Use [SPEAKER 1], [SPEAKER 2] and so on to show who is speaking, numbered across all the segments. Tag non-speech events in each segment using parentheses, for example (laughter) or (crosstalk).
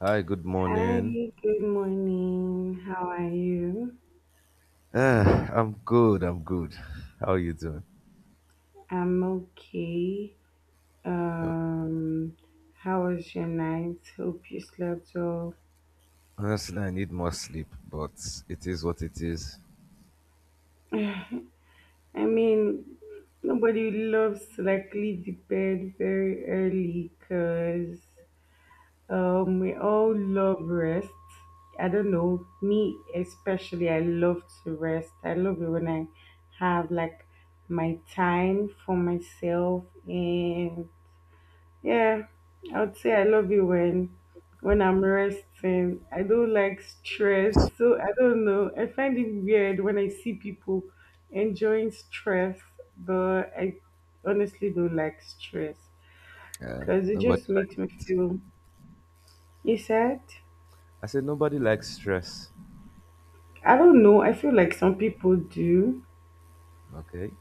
[SPEAKER 1] Hi, good
[SPEAKER 2] Hi,
[SPEAKER 1] morning.
[SPEAKER 2] good morning. How are you?
[SPEAKER 1] I'm good. I'm good. How are you doing?
[SPEAKER 2] I'm okay.
[SPEAKER 1] No,
[SPEAKER 2] Um, how was your night? Hope you slept well.
[SPEAKER 1] honestly, I need more sleep, but it is what it is.
[SPEAKER 2] I mean, nobody loves to like leave the bed very early because we all love rest. I don't know, me especially, I love to rest. I love it when I have like my time for myself and Yeah, I would say I love it when I'm resting. I don't like stress, so I don't know. I find it weird when I see people enjoying stress, but I honestly don't like stress because it
[SPEAKER 1] Nobody
[SPEAKER 2] just makes me
[SPEAKER 1] likes it.
[SPEAKER 2] feel. You said
[SPEAKER 1] I said nobody likes stress.
[SPEAKER 2] I don't know. I feel like some people do,
[SPEAKER 1] Okay.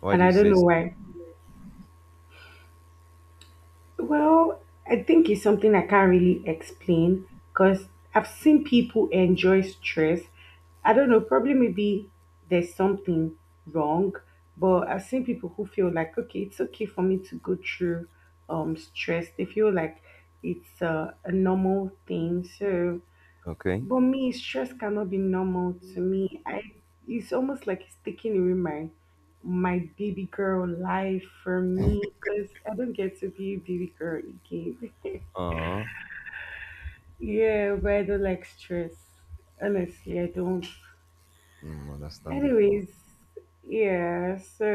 [SPEAKER 1] Why
[SPEAKER 2] and
[SPEAKER 1] do you
[SPEAKER 2] I don't
[SPEAKER 1] say
[SPEAKER 2] know
[SPEAKER 1] s-
[SPEAKER 2] why. Well, I think it's something I can't really explain because I've seen people enjoy stress. I don't know, probably maybe there's something wrong, but I've seen people who feel like, okay, it's okay for me to go through stress. They feel like it's a normal thing. So
[SPEAKER 1] okay?
[SPEAKER 2] but me, stress cannot be normal to me. I it's almost like it's taking away my my baby girl life from me because I don't get to be a baby girl again. (laughs)
[SPEAKER 1] Uh huh.
[SPEAKER 2] Yeah, but I don't like stress. Honestly, I don't.
[SPEAKER 1] Mm, understandable.
[SPEAKER 2] Anyways, yeah, so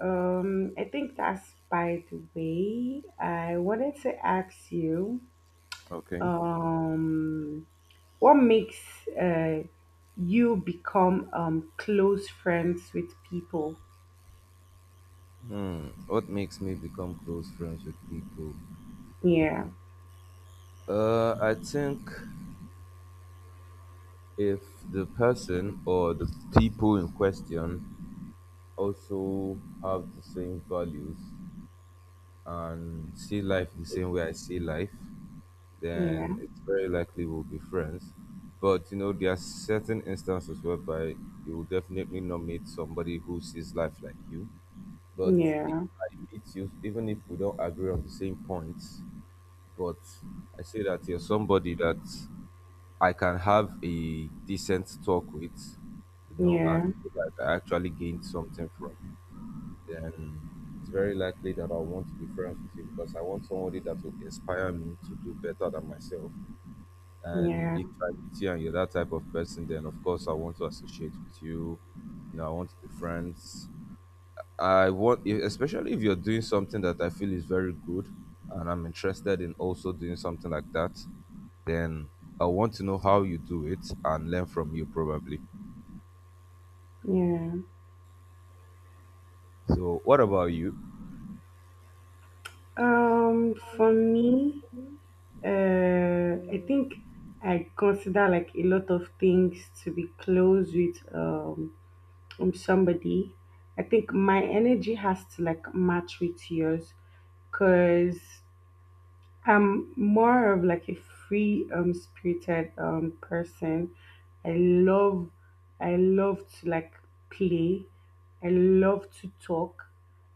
[SPEAKER 2] I think that's by the way. I wanted to ask you
[SPEAKER 1] Okay.
[SPEAKER 2] um what makes uh, you become close friends with people?
[SPEAKER 1] Hmm. What makes me become close friends with people?
[SPEAKER 2] Yeah,
[SPEAKER 1] I think if the person or the people in question also have the same values and see life the same way I see life,
[SPEAKER 2] yeah,
[SPEAKER 1] then it's very likely we'll be friends. But you know, there are certain instances whereby you will definitely not meet somebody who sees life like you. But if
[SPEAKER 2] yeah,
[SPEAKER 1] I meet you, even if we don't agree on the same points, but I say that you're somebody that I can have a decent talk with, you know, and
[SPEAKER 2] yeah,
[SPEAKER 1] feel like I actually gained something from, then it's very likely that I'll want to be friends with you because I want somebody that will inspire me to do better than myself. And
[SPEAKER 2] yeah,
[SPEAKER 1] if I meet you and you're that type of person, then of course I want to associate with you. You know, I want to be friends. I want, especially if you're doing something that I feel is very good, and I'm interested in also doing something like that, then I want to know how you do it and learn from you probably.
[SPEAKER 2] yeah.
[SPEAKER 1] So, what about you?
[SPEAKER 2] For me, I think I consider like a lot of things to be close with somebody. I think my energy has to like match with yours, cause I'm more of like a free spirited person. I love. I love to like play. I love to talk.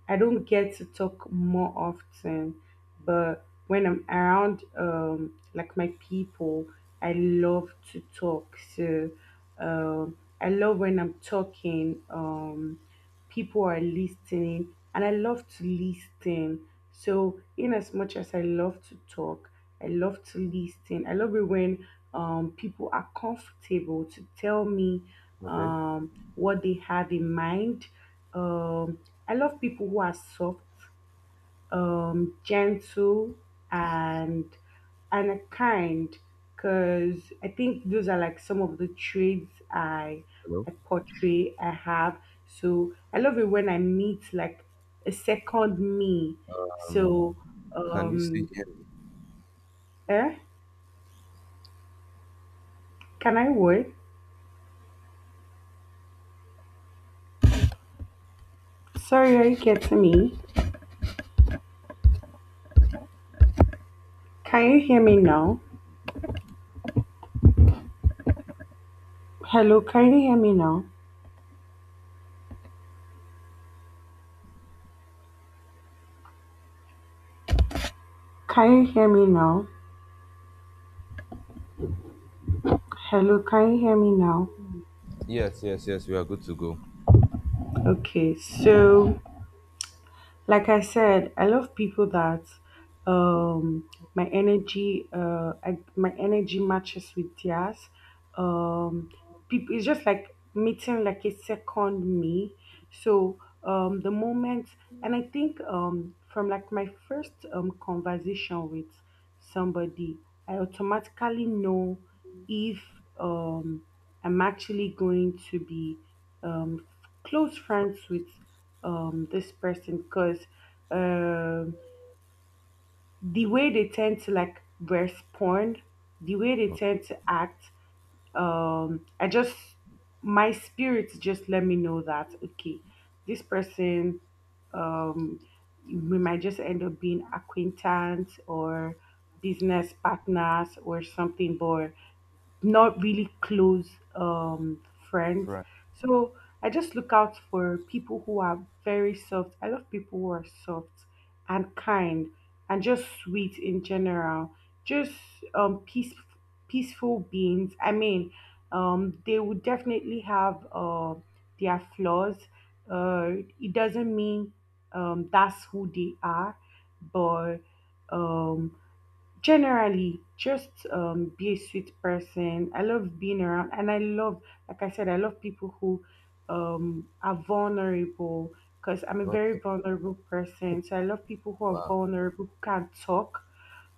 [SPEAKER 2] I don't get to talk more often, but when I'm around like my people, I love to talk. So I love when I'm talking. People are listening and I love to listen. So in as much as I love to talk, I love to listen. I love it when people are comfortable to tell me
[SPEAKER 1] Okay.
[SPEAKER 2] what they have in mind. Um, I love people who are soft, gentle and and kind because I think those are like some of the traits I
[SPEAKER 1] Hello.
[SPEAKER 2] I portray I have. So I love it when I meet like a second me.
[SPEAKER 1] Um,
[SPEAKER 2] So
[SPEAKER 1] can you see?
[SPEAKER 2] um eh? Can I wait? Sorry, are you getting me? Can you hear me now? Hello, can you hear me now? Can you hear me now? Hello, can you hear me now?
[SPEAKER 1] Yes, yes, yes. We are good to go.
[SPEAKER 2] Okay, so like I said, I love people that um my energy my energy matches with theirs. Um people it's just like meeting like a second me. So the moment and I think from like my first conversation with somebody, I automatically know if um I'm actually going to be um close
[SPEAKER 1] Fr-
[SPEAKER 2] friends with this person because um the way they tend to like respond, the way they
[SPEAKER 1] oh,
[SPEAKER 2] tend to act, I just my spirit just let me know that okay this person, um we might just end up being acquaintance or business partners or something but not really close um friends.
[SPEAKER 1] right.
[SPEAKER 2] So I just look out for people who are very soft. I love people who are soft and kind and just sweet in general. Just um peace peaceful beings. I mean, they would definitely have their flaws. Uh it doesn't mean that's who they are, but um generally, just be a sweet person. I love being around, and I love, like I said, I love people who are vulnerable because I'm a very
[SPEAKER 1] Okay.
[SPEAKER 2] vulnerable person. So I love people who are
[SPEAKER 1] Wow.
[SPEAKER 2] vulnerable, who can talk,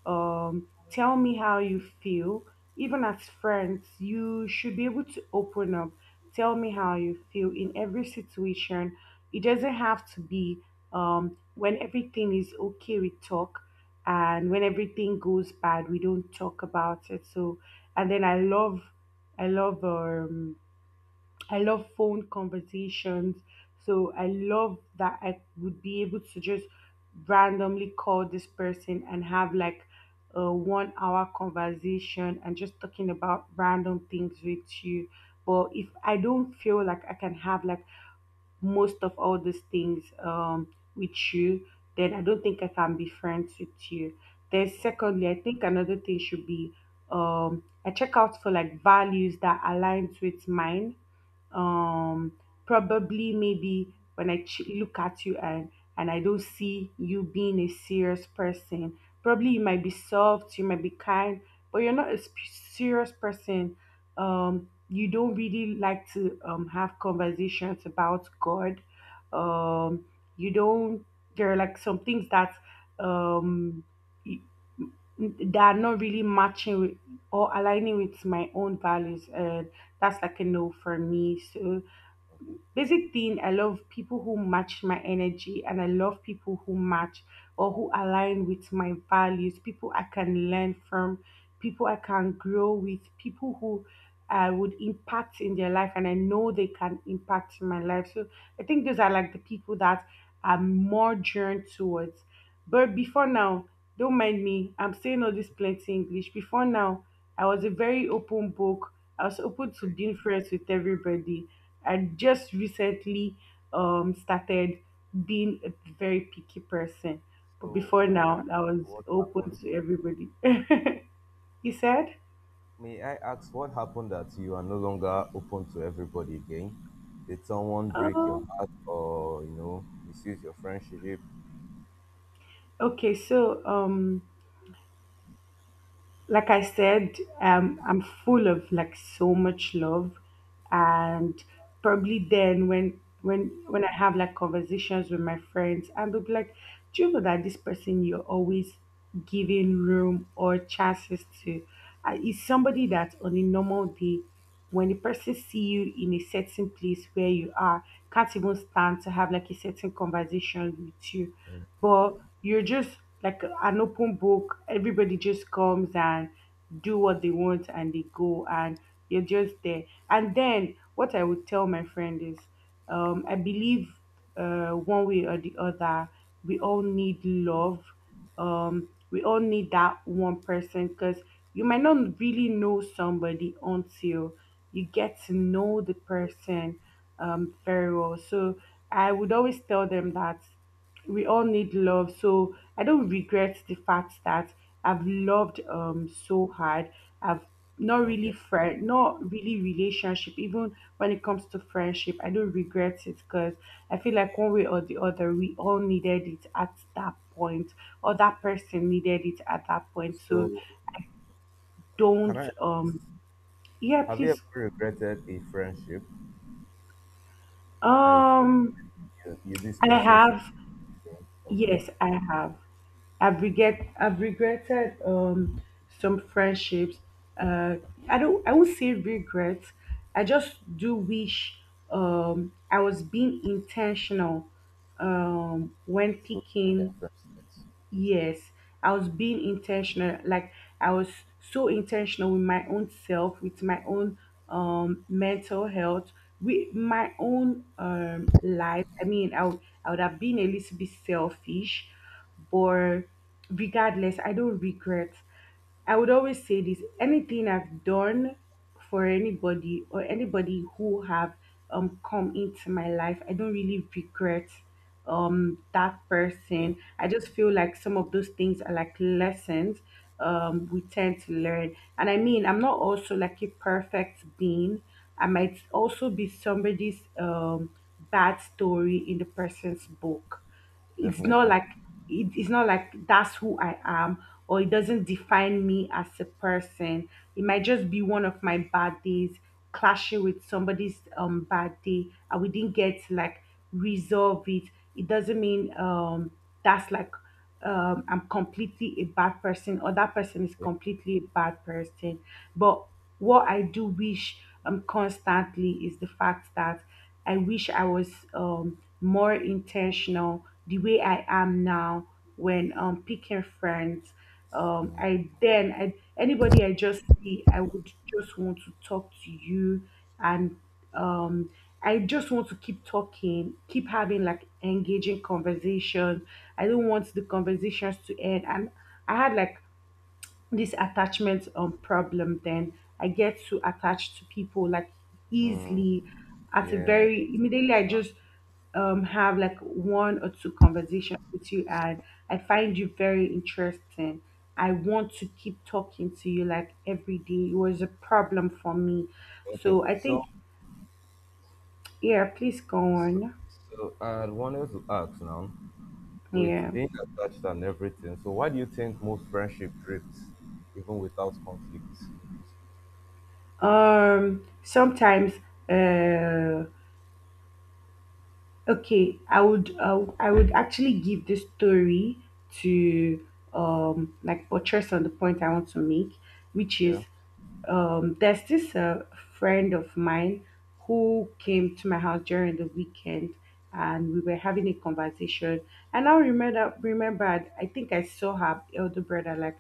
[SPEAKER 2] tell me how you feel. Even as friends, you should be able to open up, tell me how you feel in every situation. It doesn't have to be when everything is okay, we talk, and when everything goes bad, we don't talk about it. So, and then I love um, I love phone conversations. So I love that I would be able to just randomly call this person and have like a 1 hour conversation and just talking about random things with you. But if I don't feel like I can have like most of all these things with you, then I don't think I can be friends with you. Then
[SPEAKER 1] Wow.
[SPEAKER 2] secondly, I think another thing should be I check out for like values that aligns with mine. um probably maybe when look at you and I don't see you being a serious person, probably you might be soft, you might be kind, but you're not a sp- serious person. You don't really like to have conversations about god. um you don't, there are like some things that um y- that are not really matching with or aligning with my own values and that's like a no for me. So
[SPEAKER 1] Okay.
[SPEAKER 2] basic thing, I love people who match my energy and I love people who match or who align with my values, people I can learn from, people I can grow with, people who I would impact in their life and I know they can impact in my life. So I think those are like the people that I'm more drawn towards. But before now, don't mind me, I'm saying all this plenty English. Before now, I was a very open book. I was open to
[SPEAKER 1] Okay.
[SPEAKER 2] being friends with everybody. I just recently started being a very picky person. But
[SPEAKER 1] So
[SPEAKER 2] before
[SPEAKER 1] may I
[SPEAKER 2] now,
[SPEAKER 1] ask
[SPEAKER 2] I was
[SPEAKER 1] what
[SPEAKER 2] open
[SPEAKER 1] happened?
[SPEAKER 2] to everybody. (laughs) You said?
[SPEAKER 1] May I ask what happened that you are no longer open to everybody again? Did someone break your
[SPEAKER 2] Oh,
[SPEAKER 1] heart or you know misuse your friendship?
[SPEAKER 2] okay. So, like I said, I'm full of like so much love, and probably then when I have like conversations with my friends, and they'll be like, "Do you know that this person you're always giving room or chances to, is somebody that on a normal day, when the person see you in a certain place where you are, can't even stand to have like a certain conversation with you." But you're just like an open book. Everybody just comes and do what they want and they go and you're just there. And then what I would tell my friend is, I believe one way or the other, we all need love. We all need that one person because you might not really know somebody until you get to know the person very well. So I would always tell them that we all need love, so I don't regret the fact that I've loved so hard. I've not
[SPEAKER 1] Okay.
[SPEAKER 2] really friend, not really relationship, even when it comes to friendship I don't regret it because I feel like one way or the other we all needed it at that point or that person needed it at that point. So
[SPEAKER 1] So can
[SPEAKER 2] don't
[SPEAKER 1] I,
[SPEAKER 2] yeah
[SPEAKER 1] have you ever
[SPEAKER 2] please
[SPEAKER 1] regretted a friendship and you
[SPEAKER 2] um
[SPEAKER 1] feel you this
[SPEAKER 2] I
[SPEAKER 1] person should
[SPEAKER 2] have.
[SPEAKER 1] change? Okay.
[SPEAKER 2] Yes, I have. I've regretted some friendships. Uh I won't say regret. I just do wish I was being intentional when
[SPEAKER 1] It's okay to get
[SPEAKER 2] picking.
[SPEAKER 1] friends.
[SPEAKER 2] Yes, I was being intentional. Like I was so intentional with my own self, with my own mental health, with my own life. I mean, I would have been a little bit selfish, but regardless, I don't regret. I would always say this: anything I've done for anybody or anybody who have come into my life, I don't really regret that person. I just feel
[SPEAKER 1] Okay.
[SPEAKER 2] like some of those things are like lessons we tend to learn, and I mean, I'm not also like a perfect being, I might also be somebody's bad story in the person's book. it's not
[SPEAKER 1] Definitely.
[SPEAKER 2] like It's not like that's who I am or it doesn't define me as a person. It might just be one of my bad days clashing with somebody's bad day and we didn't get to, like, resolve it. It doesn't mean that's like I'm completely a bad person or that person is
[SPEAKER 1] Okay.
[SPEAKER 2] completely a bad person. But what I do wish constantly is the fact that I wish I was more intentional the way I am now when picking friends. Anybody I just see, I would just want to talk to you and um, I just want to keep talking, keep having like engaging conversation. I don't want the conversations to end. And I had like this attachment problem then. I get too attached to people like easily. At a
[SPEAKER 1] Yeah.
[SPEAKER 2] very immediately I just have like one or two conversations with you and I find you very interesting. I want to keep talking to you like every day. It was a problem for me.
[SPEAKER 1] Okay.
[SPEAKER 2] So I
[SPEAKER 1] So,
[SPEAKER 2] think yeah, please go
[SPEAKER 1] so,
[SPEAKER 2] on.
[SPEAKER 1] so I wanted to ask now, with
[SPEAKER 2] Yeah.
[SPEAKER 1] being attached and everything, so why do you think most friendship drifts even without conflict?
[SPEAKER 2] Sometimes uh Okay, I would actually give this story to like buttress on the point I want to make, which is
[SPEAKER 1] Yeah.
[SPEAKER 2] there's this friend of mine who came to my house during the weekend, and we were having a conversation. And I remembered I think I saw her elder brother like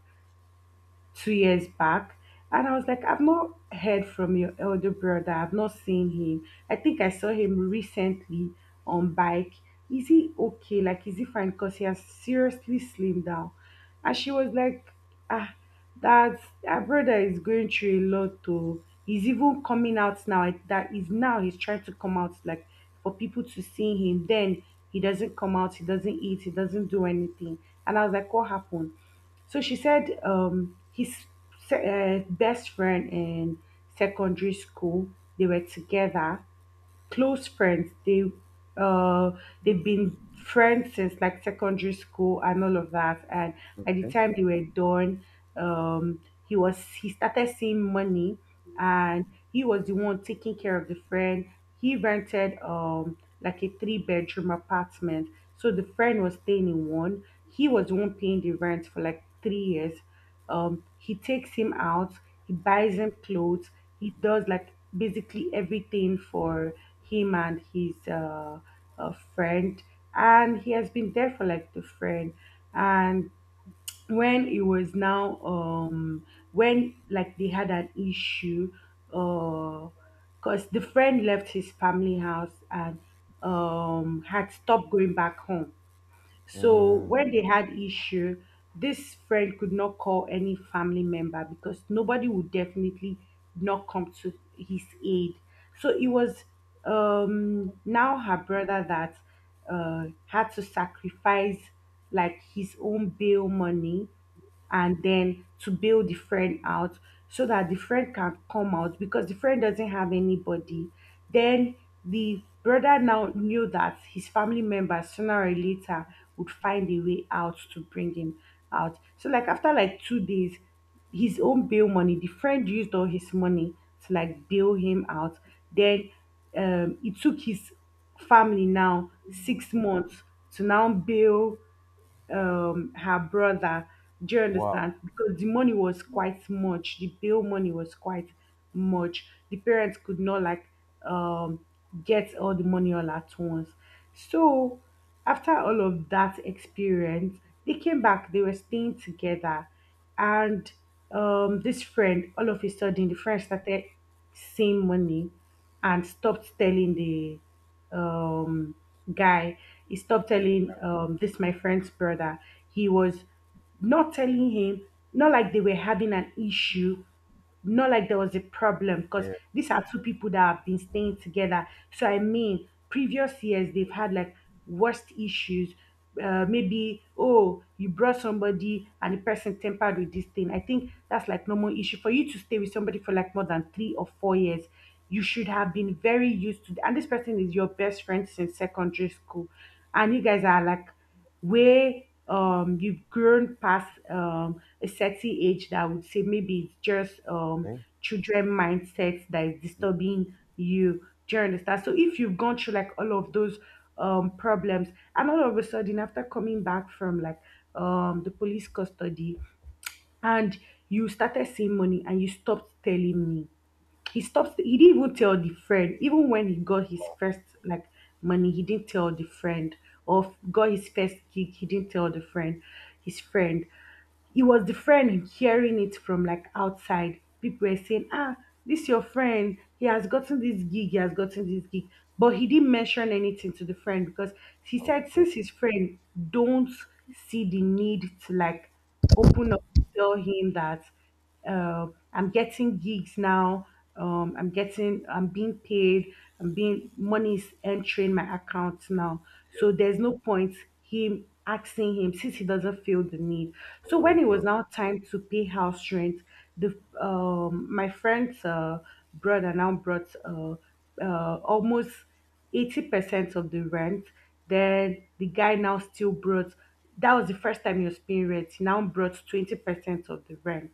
[SPEAKER 2] 2 years back, and I was like, I've not heard from your elder brother. I've not seen him. I think I saw him recently on bike. Is he okay? Like, is he fine? Because he has seriously slimmed down. And she was like, ah, that's our brother is going through a lot too. He's even coming out now. Like, that is now he's trying to come out like for people to see him. Then he doesn't come out, he doesn't eat, he doesn't do anything. And I was like, what happened? So she said, his best friend in secondary school, they were together, close friends. They uh they've been friends since like secondary school and all of that. And by the
[SPEAKER 1] Okay.
[SPEAKER 2] time they were done, um, he started seeing money, and he was the one taking care of the friend. He rented like a three-bedroom apartment. So the friend was staying in one. He was the one paying the rent for like 3 years. He takes him out, he buys him clothes, he does like basically everything for him and his friend. And he has been there for like the friend. And when it was now, when like they had an issue, uh, because the friend left his family house and, had stopped going back home, so when they had issue, this friend could not call any family member because nobody would definitely not come to his aid. So it was, now her brother that, had to sacrifice like his own bail money and then to bail the friend out so that the friend can come out because the friend doesn't have anybody. Then the brother now knew that his family members sooner or later would find a way out to bring him out. So like after like 2 days, his own bail money, the friend used all his money to like bail him out. Then, it took his family now 6 months to now bail, um, her brother, do you
[SPEAKER 1] Wow.
[SPEAKER 2] understand? Because the money was quite much, the bail money was quite much, the parents could not like, um, get all the money all at once. So after all of that experience, they came back, they were staying together, and, um, this friend, all of a sudden the friend started seeing money and stopped telling the, um, guy, he stopped
[SPEAKER 1] This,
[SPEAKER 2] telling, this my friend's brother. He was not telling him, not like they were having an issue, not like there was a problem, because
[SPEAKER 1] yeah.
[SPEAKER 2] these are two people that have been staying together. So I mean, previous years they've had like worst issues. Maybe, oh, you brought somebody and the person tempered with this thing. I think that's like normal issue for you to stay with somebody for like more than 3 or 4 years. You should have been very used to, and this person is your best friend since secondary school, and you guys are like where, you've grown past, a certain age that I would say maybe it's just,
[SPEAKER 1] Okay.
[SPEAKER 2] children mindset that is
[SPEAKER 1] Yeah.
[SPEAKER 2] disturbing you. Do you understand? So if you've gone through like all of those, problems, and all of a sudden after coming back from like, the police custody, and you started seeing money and you stopped telling me, he stopped, he didn't even tell the friend, even when he got his first like money he didn't tell the friend, or got his first gig he didn't tell the friend, his friend, it was the friend hearing it from like outside people were saying, ah, this your friend, he has gotten this gig, he has gotten this gig, but he didn't mention anything to the friend because he said
[SPEAKER 1] Okay.
[SPEAKER 2] since his friend don't see the need to like open up, tell him that, uh, I'm getting gigs now. I'm being paid. I'm being money's entering my account now.
[SPEAKER 1] Yeah.
[SPEAKER 2] So there's no point him asking him since he doesn't feel the need. So when
[SPEAKER 1] True.
[SPEAKER 2] it was
[SPEAKER 1] True.
[SPEAKER 2] now time to pay house rent, the, my friend's, brother now brought, almost 80% of the rent. Then the guy now still brought. That was the first time he was paying rent. He now brought 20% of the rent,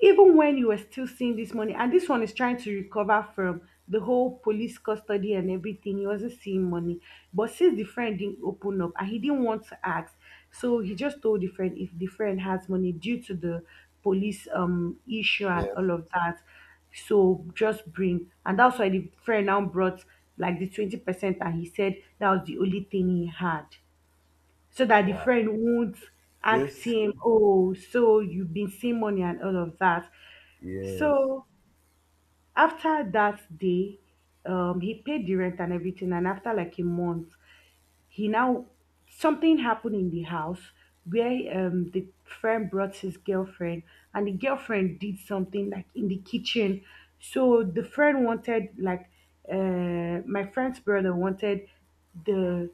[SPEAKER 2] even when you were still seeing this money and this one is trying to recover from the whole police custody and everything, he wasn't seeing money. But since the friend didn't open up and he didn't want to ask, so he just told the friend, if the friend has money due to the police, issue and
[SPEAKER 1] Yes.
[SPEAKER 2] all of that, so just bring. And that's why the friend now brought like the 20 percent, and he said that was the only thing he had, so that the
[SPEAKER 1] Wow.
[SPEAKER 2] friend won't ask
[SPEAKER 1] This.
[SPEAKER 2] him, oh, so you've been seeing money and all of that.
[SPEAKER 1] Yes.
[SPEAKER 2] So after that day, he paid the rent and everything. And after like a month, he now, something happened in the house where, the friend brought his girlfriend, and the girlfriend did something like in the kitchen. So the friend wanted like, my friend's brother wanted the,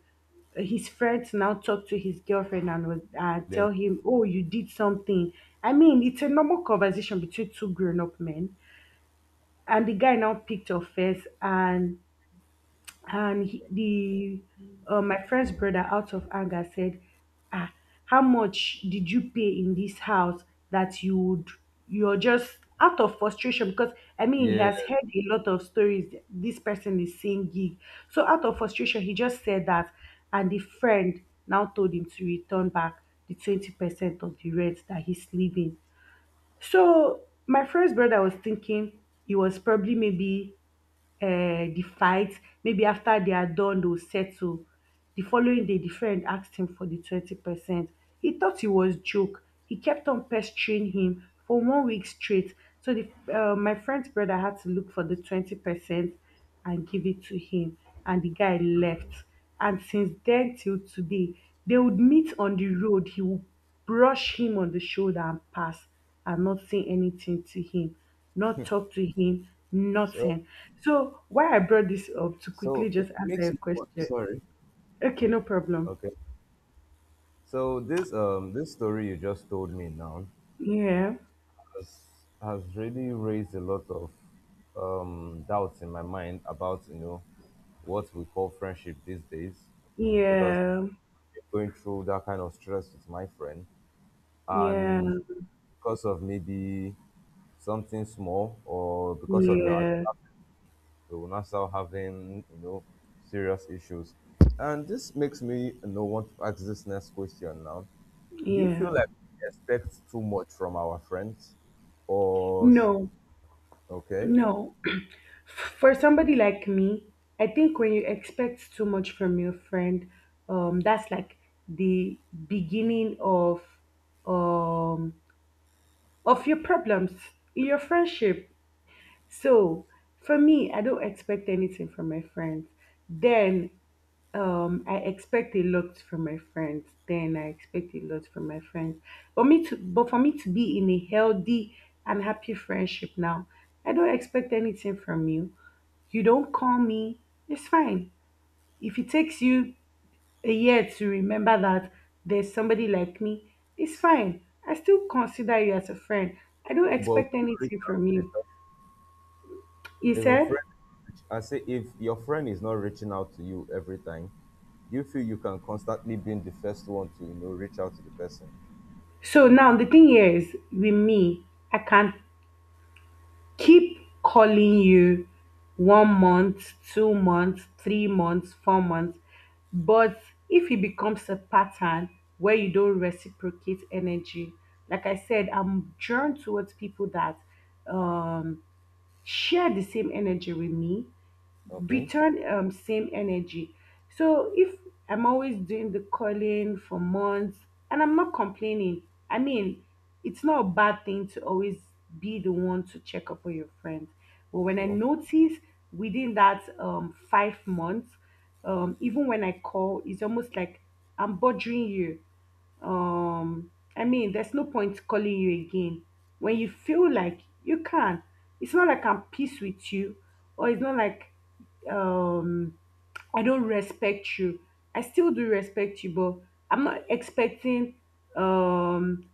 [SPEAKER 2] his friends now talk to his girlfriend and tell
[SPEAKER 1] Then.
[SPEAKER 2] him, "Oh, you did something." I mean, it's a normal conversation between two grown-up men, and the guy now picked her face, and he, the my friend's brother out of anger said, ah, how much did you pay in this house that you would, you're just out of frustration, because I mean he
[SPEAKER 1] Yeah.
[SPEAKER 2] has heard a lot of stories, this person is saying gig, so out of frustration he just said that. And the friend now told him to return back the 20% of the rent, that he's leaving. So my friend's brother was thinking he was probably maybe, the fight, maybe after they are done they will settle. The following day the friend asked him for the 20 percent. He thought it was joke. He kept on pestering him for 1 week straight. So the, my friend's brother had to look for the 20 percent and give it to him, and the guy left. And since then till today, they would meet on the road, he would brush him on the shoulder and pass, and not say anything to him, not talk to him,
[SPEAKER 1] So.
[SPEAKER 2] nothing. So why I brought this up to quickly
[SPEAKER 1] So it
[SPEAKER 2] just answer
[SPEAKER 1] makes
[SPEAKER 2] your
[SPEAKER 1] me.
[SPEAKER 2] question.
[SPEAKER 1] Sorry.
[SPEAKER 2] Okay, no problem.
[SPEAKER 1] Okay. So this this story you just told me now,
[SPEAKER 2] Yeah.
[SPEAKER 1] has, has really raised a lot of doubts in my mind about you know what we call friendship these days, because
[SPEAKER 2] Yeah.
[SPEAKER 1] I've been going through that kind of stress with my friend,
[SPEAKER 2] Yeah.
[SPEAKER 1] and because of maybe something small or because of another
[SPEAKER 2] Yeah.
[SPEAKER 1] people, we're now start having you know serious issues, and this makes me you know want to ask this next question now. Do you
[SPEAKER 2] Yeah.
[SPEAKER 1] feel like we expect too much from our friends, or sh-
[SPEAKER 2] No.
[SPEAKER 1] okay?
[SPEAKER 2] No. For somebody like me, I think when you expect too much from your friend, that's like the beginning of, um of your problems in your friendship. So for me, I don't expect anything from my friends. Then I expect a lot from my friends. Then I expect a lot from my friends. But but for me to be in a healthy and happy friendship now, I don't expect anything from you. You don't call me. It's fine. If it takes you a year to remember that there's somebody like me is fine. I still consider you as a friend. I don't
[SPEAKER 1] But if
[SPEAKER 2] expect
[SPEAKER 1] you reach
[SPEAKER 2] anything
[SPEAKER 1] out
[SPEAKER 2] from
[SPEAKER 1] to the
[SPEAKER 2] you.
[SPEAKER 1] person-
[SPEAKER 2] He
[SPEAKER 1] if a
[SPEAKER 2] said,
[SPEAKER 1] friend, I say, if your friend is not reaching out to you every time, do you feel you can constantly being the first one to you know reach out to the person?
[SPEAKER 2] so now the thing here is with me, I can keep calling you 1 month, 2 months, 3 months, 4 months. But if it becomes a pattern where you don't reciprocate energy, like I said, I'm drawn towards people that, um, share the same energy with me,
[SPEAKER 1] Okay,
[SPEAKER 2] return same energy. So if I'm always doing the calling for months and I'm not complaining, I mean, it's not a bad thing to always be the one to check up on your friends. But when I
[SPEAKER 1] true,
[SPEAKER 2] notice within that, 5 months, even when I call it's almost like I'm bothering you, um, I mean, there's no point calling you again when you feel like you can. It's not like I'm peace with you, or it's not like, um I don't respect you. I still do respect you, but I'm not expecting, um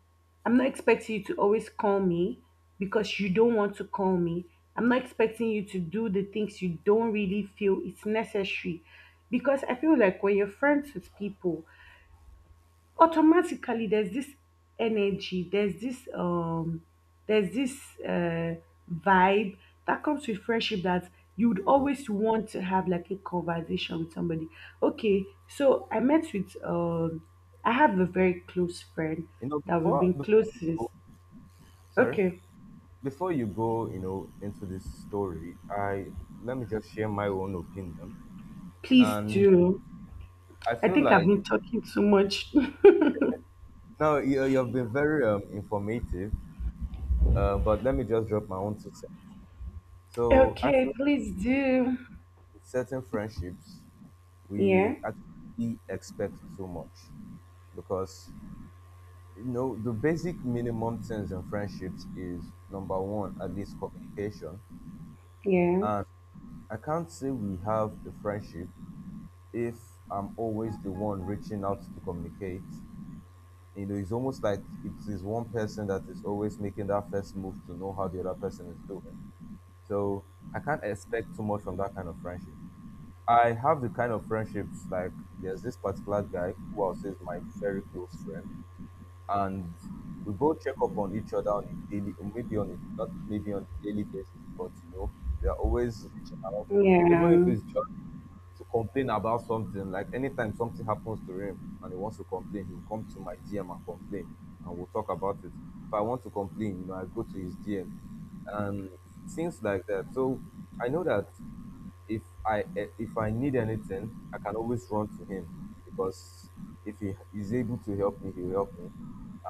[SPEAKER 2] I'm not expecting you to always call me because you don't want to call me. I'm not expecting you to do the things you don't really feel it's necessary. Because I feel like when you're friends with people, automatically there's this energy there's this um there's this uh vibe that comes with friendship, that you'd
[SPEAKER 1] true.
[SPEAKER 2] always want to have like a conversation with somebody. Okay so I met with I have a very close friend
[SPEAKER 1] You know,
[SPEAKER 2] that we've
[SPEAKER 1] before
[SPEAKER 2] been
[SPEAKER 1] before
[SPEAKER 2] close
[SPEAKER 1] you
[SPEAKER 2] since.
[SPEAKER 1] go, sorry,
[SPEAKER 2] Okay.
[SPEAKER 1] before you go, you know, into this story, I let me just share my own opinion,
[SPEAKER 2] Please
[SPEAKER 1] and
[SPEAKER 2] do.
[SPEAKER 1] I
[SPEAKER 2] I
[SPEAKER 1] feel
[SPEAKER 2] think I've
[SPEAKER 1] like
[SPEAKER 2] been talking too much.
[SPEAKER 1] now you, you've been very informative, but let me just drop my own two cents.
[SPEAKER 2] (laughs)
[SPEAKER 1] So I
[SPEAKER 2] Okay,
[SPEAKER 1] feel like
[SPEAKER 2] please do.
[SPEAKER 1] with certain friendships,
[SPEAKER 2] yeah
[SPEAKER 1] we actually expect too much because you know the basic minimum things in friendships is number one at least communication,
[SPEAKER 2] yeah
[SPEAKER 1] and I can't say we have a friendship if I'm always the one reaching out to communicate. You know, it's almost like it is one person that is always making that first move to know how the other person is doing, so I can't expect too much from that kind of friendship. I have the kind of friendships like there's this particular guy who I'll say is my very close friend. And we both check up on each other on a daily, or maybe on a not maybe on a daily basis, but you know, we are always reaching out, even if
[SPEAKER 2] yeah
[SPEAKER 1] it's just to complain about something. Like anytime something happens to him and he wants to complain, he'll come to my DM and complain, and we'll talk about it. If I want to complain, you know, I go to his DM and things like that. So I know that if I if I need anything, I can always run to him because if he is able to help me, he will help me.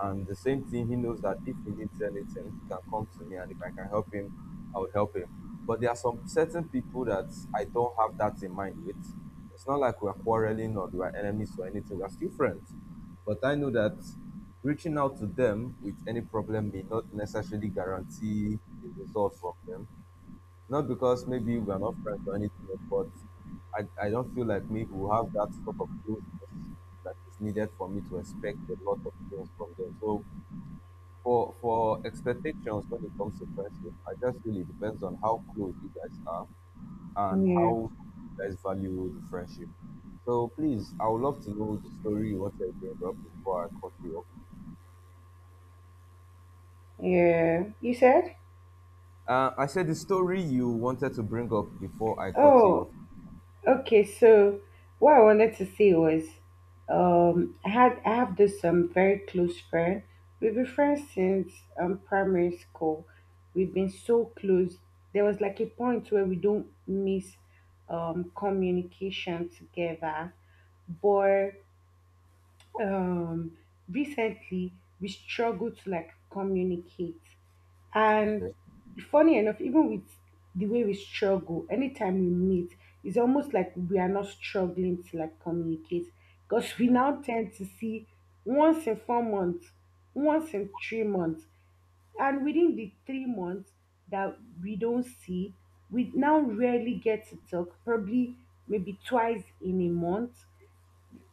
[SPEAKER 1] And the same thing, he knows that if he needs anything, he can come to me, and if I can help him, I would help him. But there are some certain people that I don't have that in mind with. It's not like we're quarreling or we're enemies or anything. We're still friends. But I know that reaching out to them with any problem may not necessarily guarantee a result from them, not because maybe we're not friends or anything, but I don't feel like me who have that sort of closeness that is needed for me to expect a lot of things from them. So for expectations when it comes to friendship, I just feel it depends on how close you guys are and
[SPEAKER 2] yeah
[SPEAKER 1] how you guys value the friendship. So please, I would love to know the story you wanted to bring up before I cut you off.
[SPEAKER 2] yeah You said?
[SPEAKER 1] I said the story you wanted to bring up before I cut you off.
[SPEAKER 2] Oh, okay, so what I wanted to say was, I have this very close friend. We've been friends since primary school. We've been so close. There was like a point where we don't miss communication together, but um recently we struggle to like communicate. And
[SPEAKER 1] Okay.
[SPEAKER 2] funny enough, even with the way we struggle, anytime we meet, it's almost like we are not struggling to like communicate, because we
[SPEAKER 1] Yeah.
[SPEAKER 2] now tend to see once in 4 months, once in 3 months, and within the 3 months that we don't see, we now rarely get to talk, probably maybe twice in a month.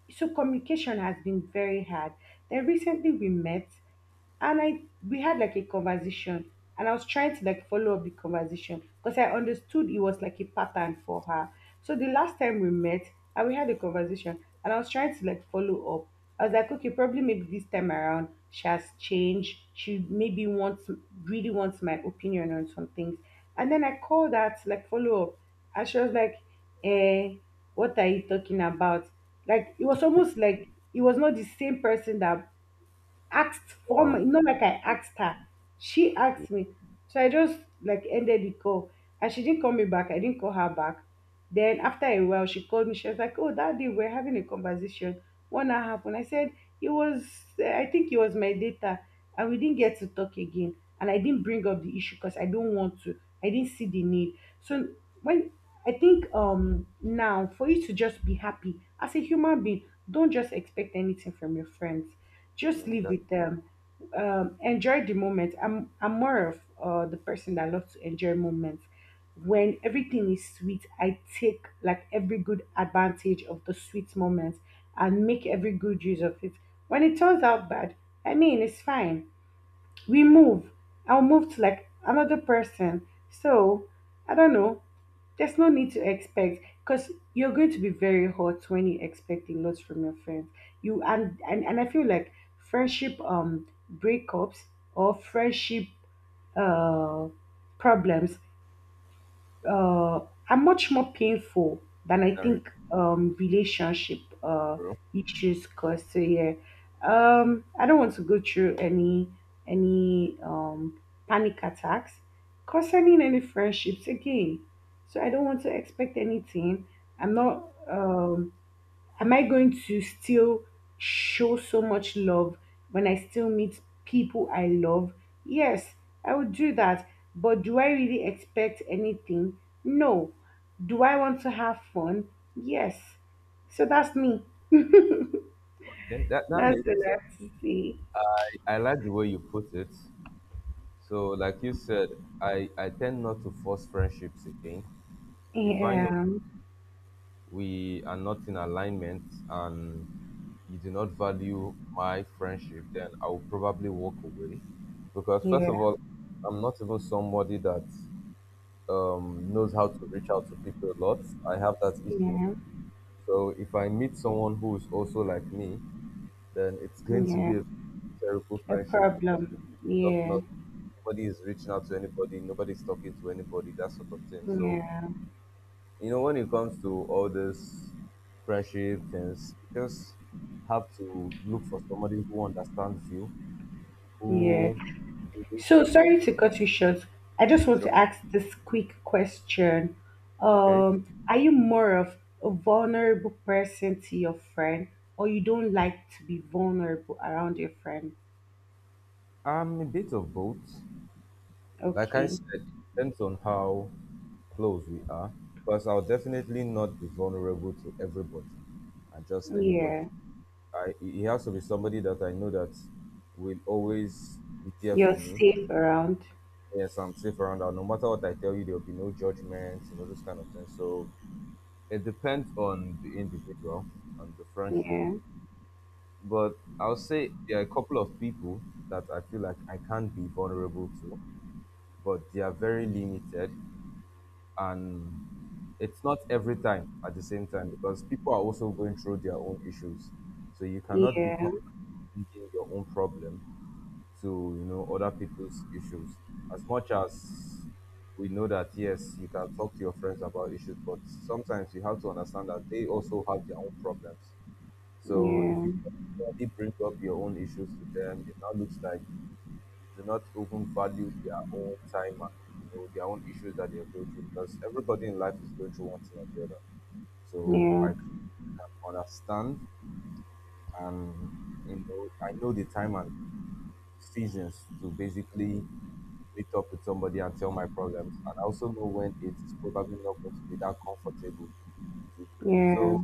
[SPEAKER 2] So communication has been very hard. Then recently we met and I we had like a conversation, and I was trying to like follow up the conversation because I understood it was like a pattern for her. So the last time we met and we had a conversation and I was trying to like follow up. I was like, okay, probably maybe this time around she has changed. She maybe wants really wants my opinion on some things. And then I called her to like follow up, and she was like, eh, what are you talking about? Like, it was almost like it was not the same person that asked for my
[SPEAKER 1] Wow.
[SPEAKER 2] not like I asked her. She asked me. So I just like ended the call. And she didn't call me back. I didn't call her back. Then after a while she called me. She was like, oh, that day we we're having a conversation, what now happened? I said, it was, I think it was my data. And we didn't get to talk again. And I didn't bring up the issue because I don't want to. I didn't see the need. So when, I think now for you to just be happy as a human being, don't just expect anything from your friends. Just live
[SPEAKER 1] Mm.
[SPEAKER 2] with them. Enjoy the moment. I'm more of the person that loves to enjoy moments. When everything is sweet, I take like every good advantage of the sweet moments and make every good use of it. When it turns out bad, I mean it's fine, we move. I'll move to like another person. So I don't know. There's no need to expect, because you're going to be very hot when you expect a lot from your friends. And I feel like friendship breakups or friendship uh problems uh, are much more painful than, I
[SPEAKER 1] That,
[SPEAKER 2] think, relationship
[SPEAKER 1] true.
[SPEAKER 2] issues cause. So yeah, I don't want to go through any any um, panic attacks concerning any friendships again. So I don't want to expect anything. I'm not. Am I going to still show so much love when I still meet people I love? Yes, I would do that. But do I really expect anything? No. Do I want to have fun? Yes. So that's me. (laughs)
[SPEAKER 1] Okay, that, that
[SPEAKER 2] That's
[SPEAKER 1] makes
[SPEAKER 2] the
[SPEAKER 1] sense.
[SPEAKER 2] last thing.
[SPEAKER 1] I like the way you put it. So, like you said, I tend not to force friendships again. If I know
[SPEAKER 2] Yeah,
[SPEAKER 1] we are not in alignment and you do not value my friendship, then I will probably walk away. Because, first
[SPEAKER 2] yeah,
[SPEAKER 1] of all, I'm not even somebody that knows how to reach out to people a lot. I have that issue.
[SPEAKER 2] yeah,
[SPEAKER 1] So, if I meet someone who is also like me, then it's going to
[SPEAKER 2] yeah.
[SPEAKER 1] be a terrible
[SPEAKER 2] A
[SPEAKER 1] friendship
[SPEAKER 2] problem.
[SPEAKER 1] stuff,
[SPEAKER 2] Yeah,
[SPEAKER 1] not nobody is reaching out to anybody, nobody's talking to anybody, that sort of thing. So,
[SPEAKER 2] yeah,
[SPEAKER 1] you know, when it comes to all this friendship things, you just have to look for somebody who understands you,
[SPEAKER 2] yeah.
[SPEAKER 1] who relates
[SPEAKER 2] So
[SPEAKER 1] to
[SPEAKER 2] sorry to cut you short. I
[SPEAKER 1] the
[SPEAKER 2] just want to
[SPEAKER 1] culture.
[SPEAKER 2] ask this quick question.
[SPEAKER 1] Okay.
[SPEAKER 2] Are you more of a vulnerable person to your friend, or you don't like to be vulnerable around your friend?
[SPEAKER 1] I'm a bit of both. Like I
[SPEAKER 2] Okay.
[SPEAKER 1] said, it depends on how close we are. Because I'll definitely not be vulnerable to everybody and just anybody.
[SPEAKER 2] Yeah.
[SPEAKER 1] I he has to be somebody that I know that will always be there for
[SPEAKER 2] You're
[SPEAKER 1] me.
[SPEAKER 2] safe around.
[SPEAKER 1] Yes, I'm safe around her. No matter what I tell you, there'll be no judgment, you know, those kind of things. So it depends on the individual and the friendship.
[SPEAKER 2] Yeah.
[SPEAKER 1] But I'll say there are a couple of people that I feel like I can't be vulnerable to, but they are very limited and it's not every time at the same time because people are also going through their own issues. So you cannot be
[SPEAKER 2] Yeah.
[SPEAKER 1] constantly reading your own problem to you know other people's issues. As much as we know that yes you can talk to your friends about issues, but sometimes you have to understand that they also have their own problems, so if you
[SPEAKER 2] Yeah.
[SPEAKER 1] already bring up your own issues to them it now looks like you do not even value their own time and you know their own issues that they are going through, because everybody in life is going through one thing or the other, so
[SPEAKER 2] Yeah.
[SPEAKER 1] I can understand. And you know I know the time and seasons to basically meet up with somebody and tell my problems. And I also know when it is probably not going to be that comfortable to do that.
[SPEAKER 2] Yeah.
[SPEAKER 1] So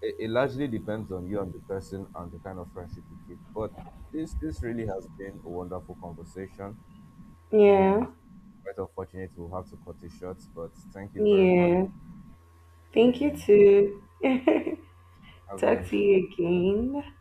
[SPEAKER 1] it largely depends on you and the person and the kind of friendship you keep. But this really has been a wonderful conversation
[SPEAKER 2] Yeah.
[SPEAKER 1] and quite unfortunate we'll have to cut it short. But thank you very much
[SPEAKER 2] Yeah. Thank you
[SPEAKER 1] and
[SPEAKER 2] too.
[SPEAKER 1] yeah,
[SPEAKER 2] (laughs)
[SPEAKER 1] have a
[SPEAKER 2] Talk to
[SPEAKER 1] nice day.
[SPEAKER 2] you again.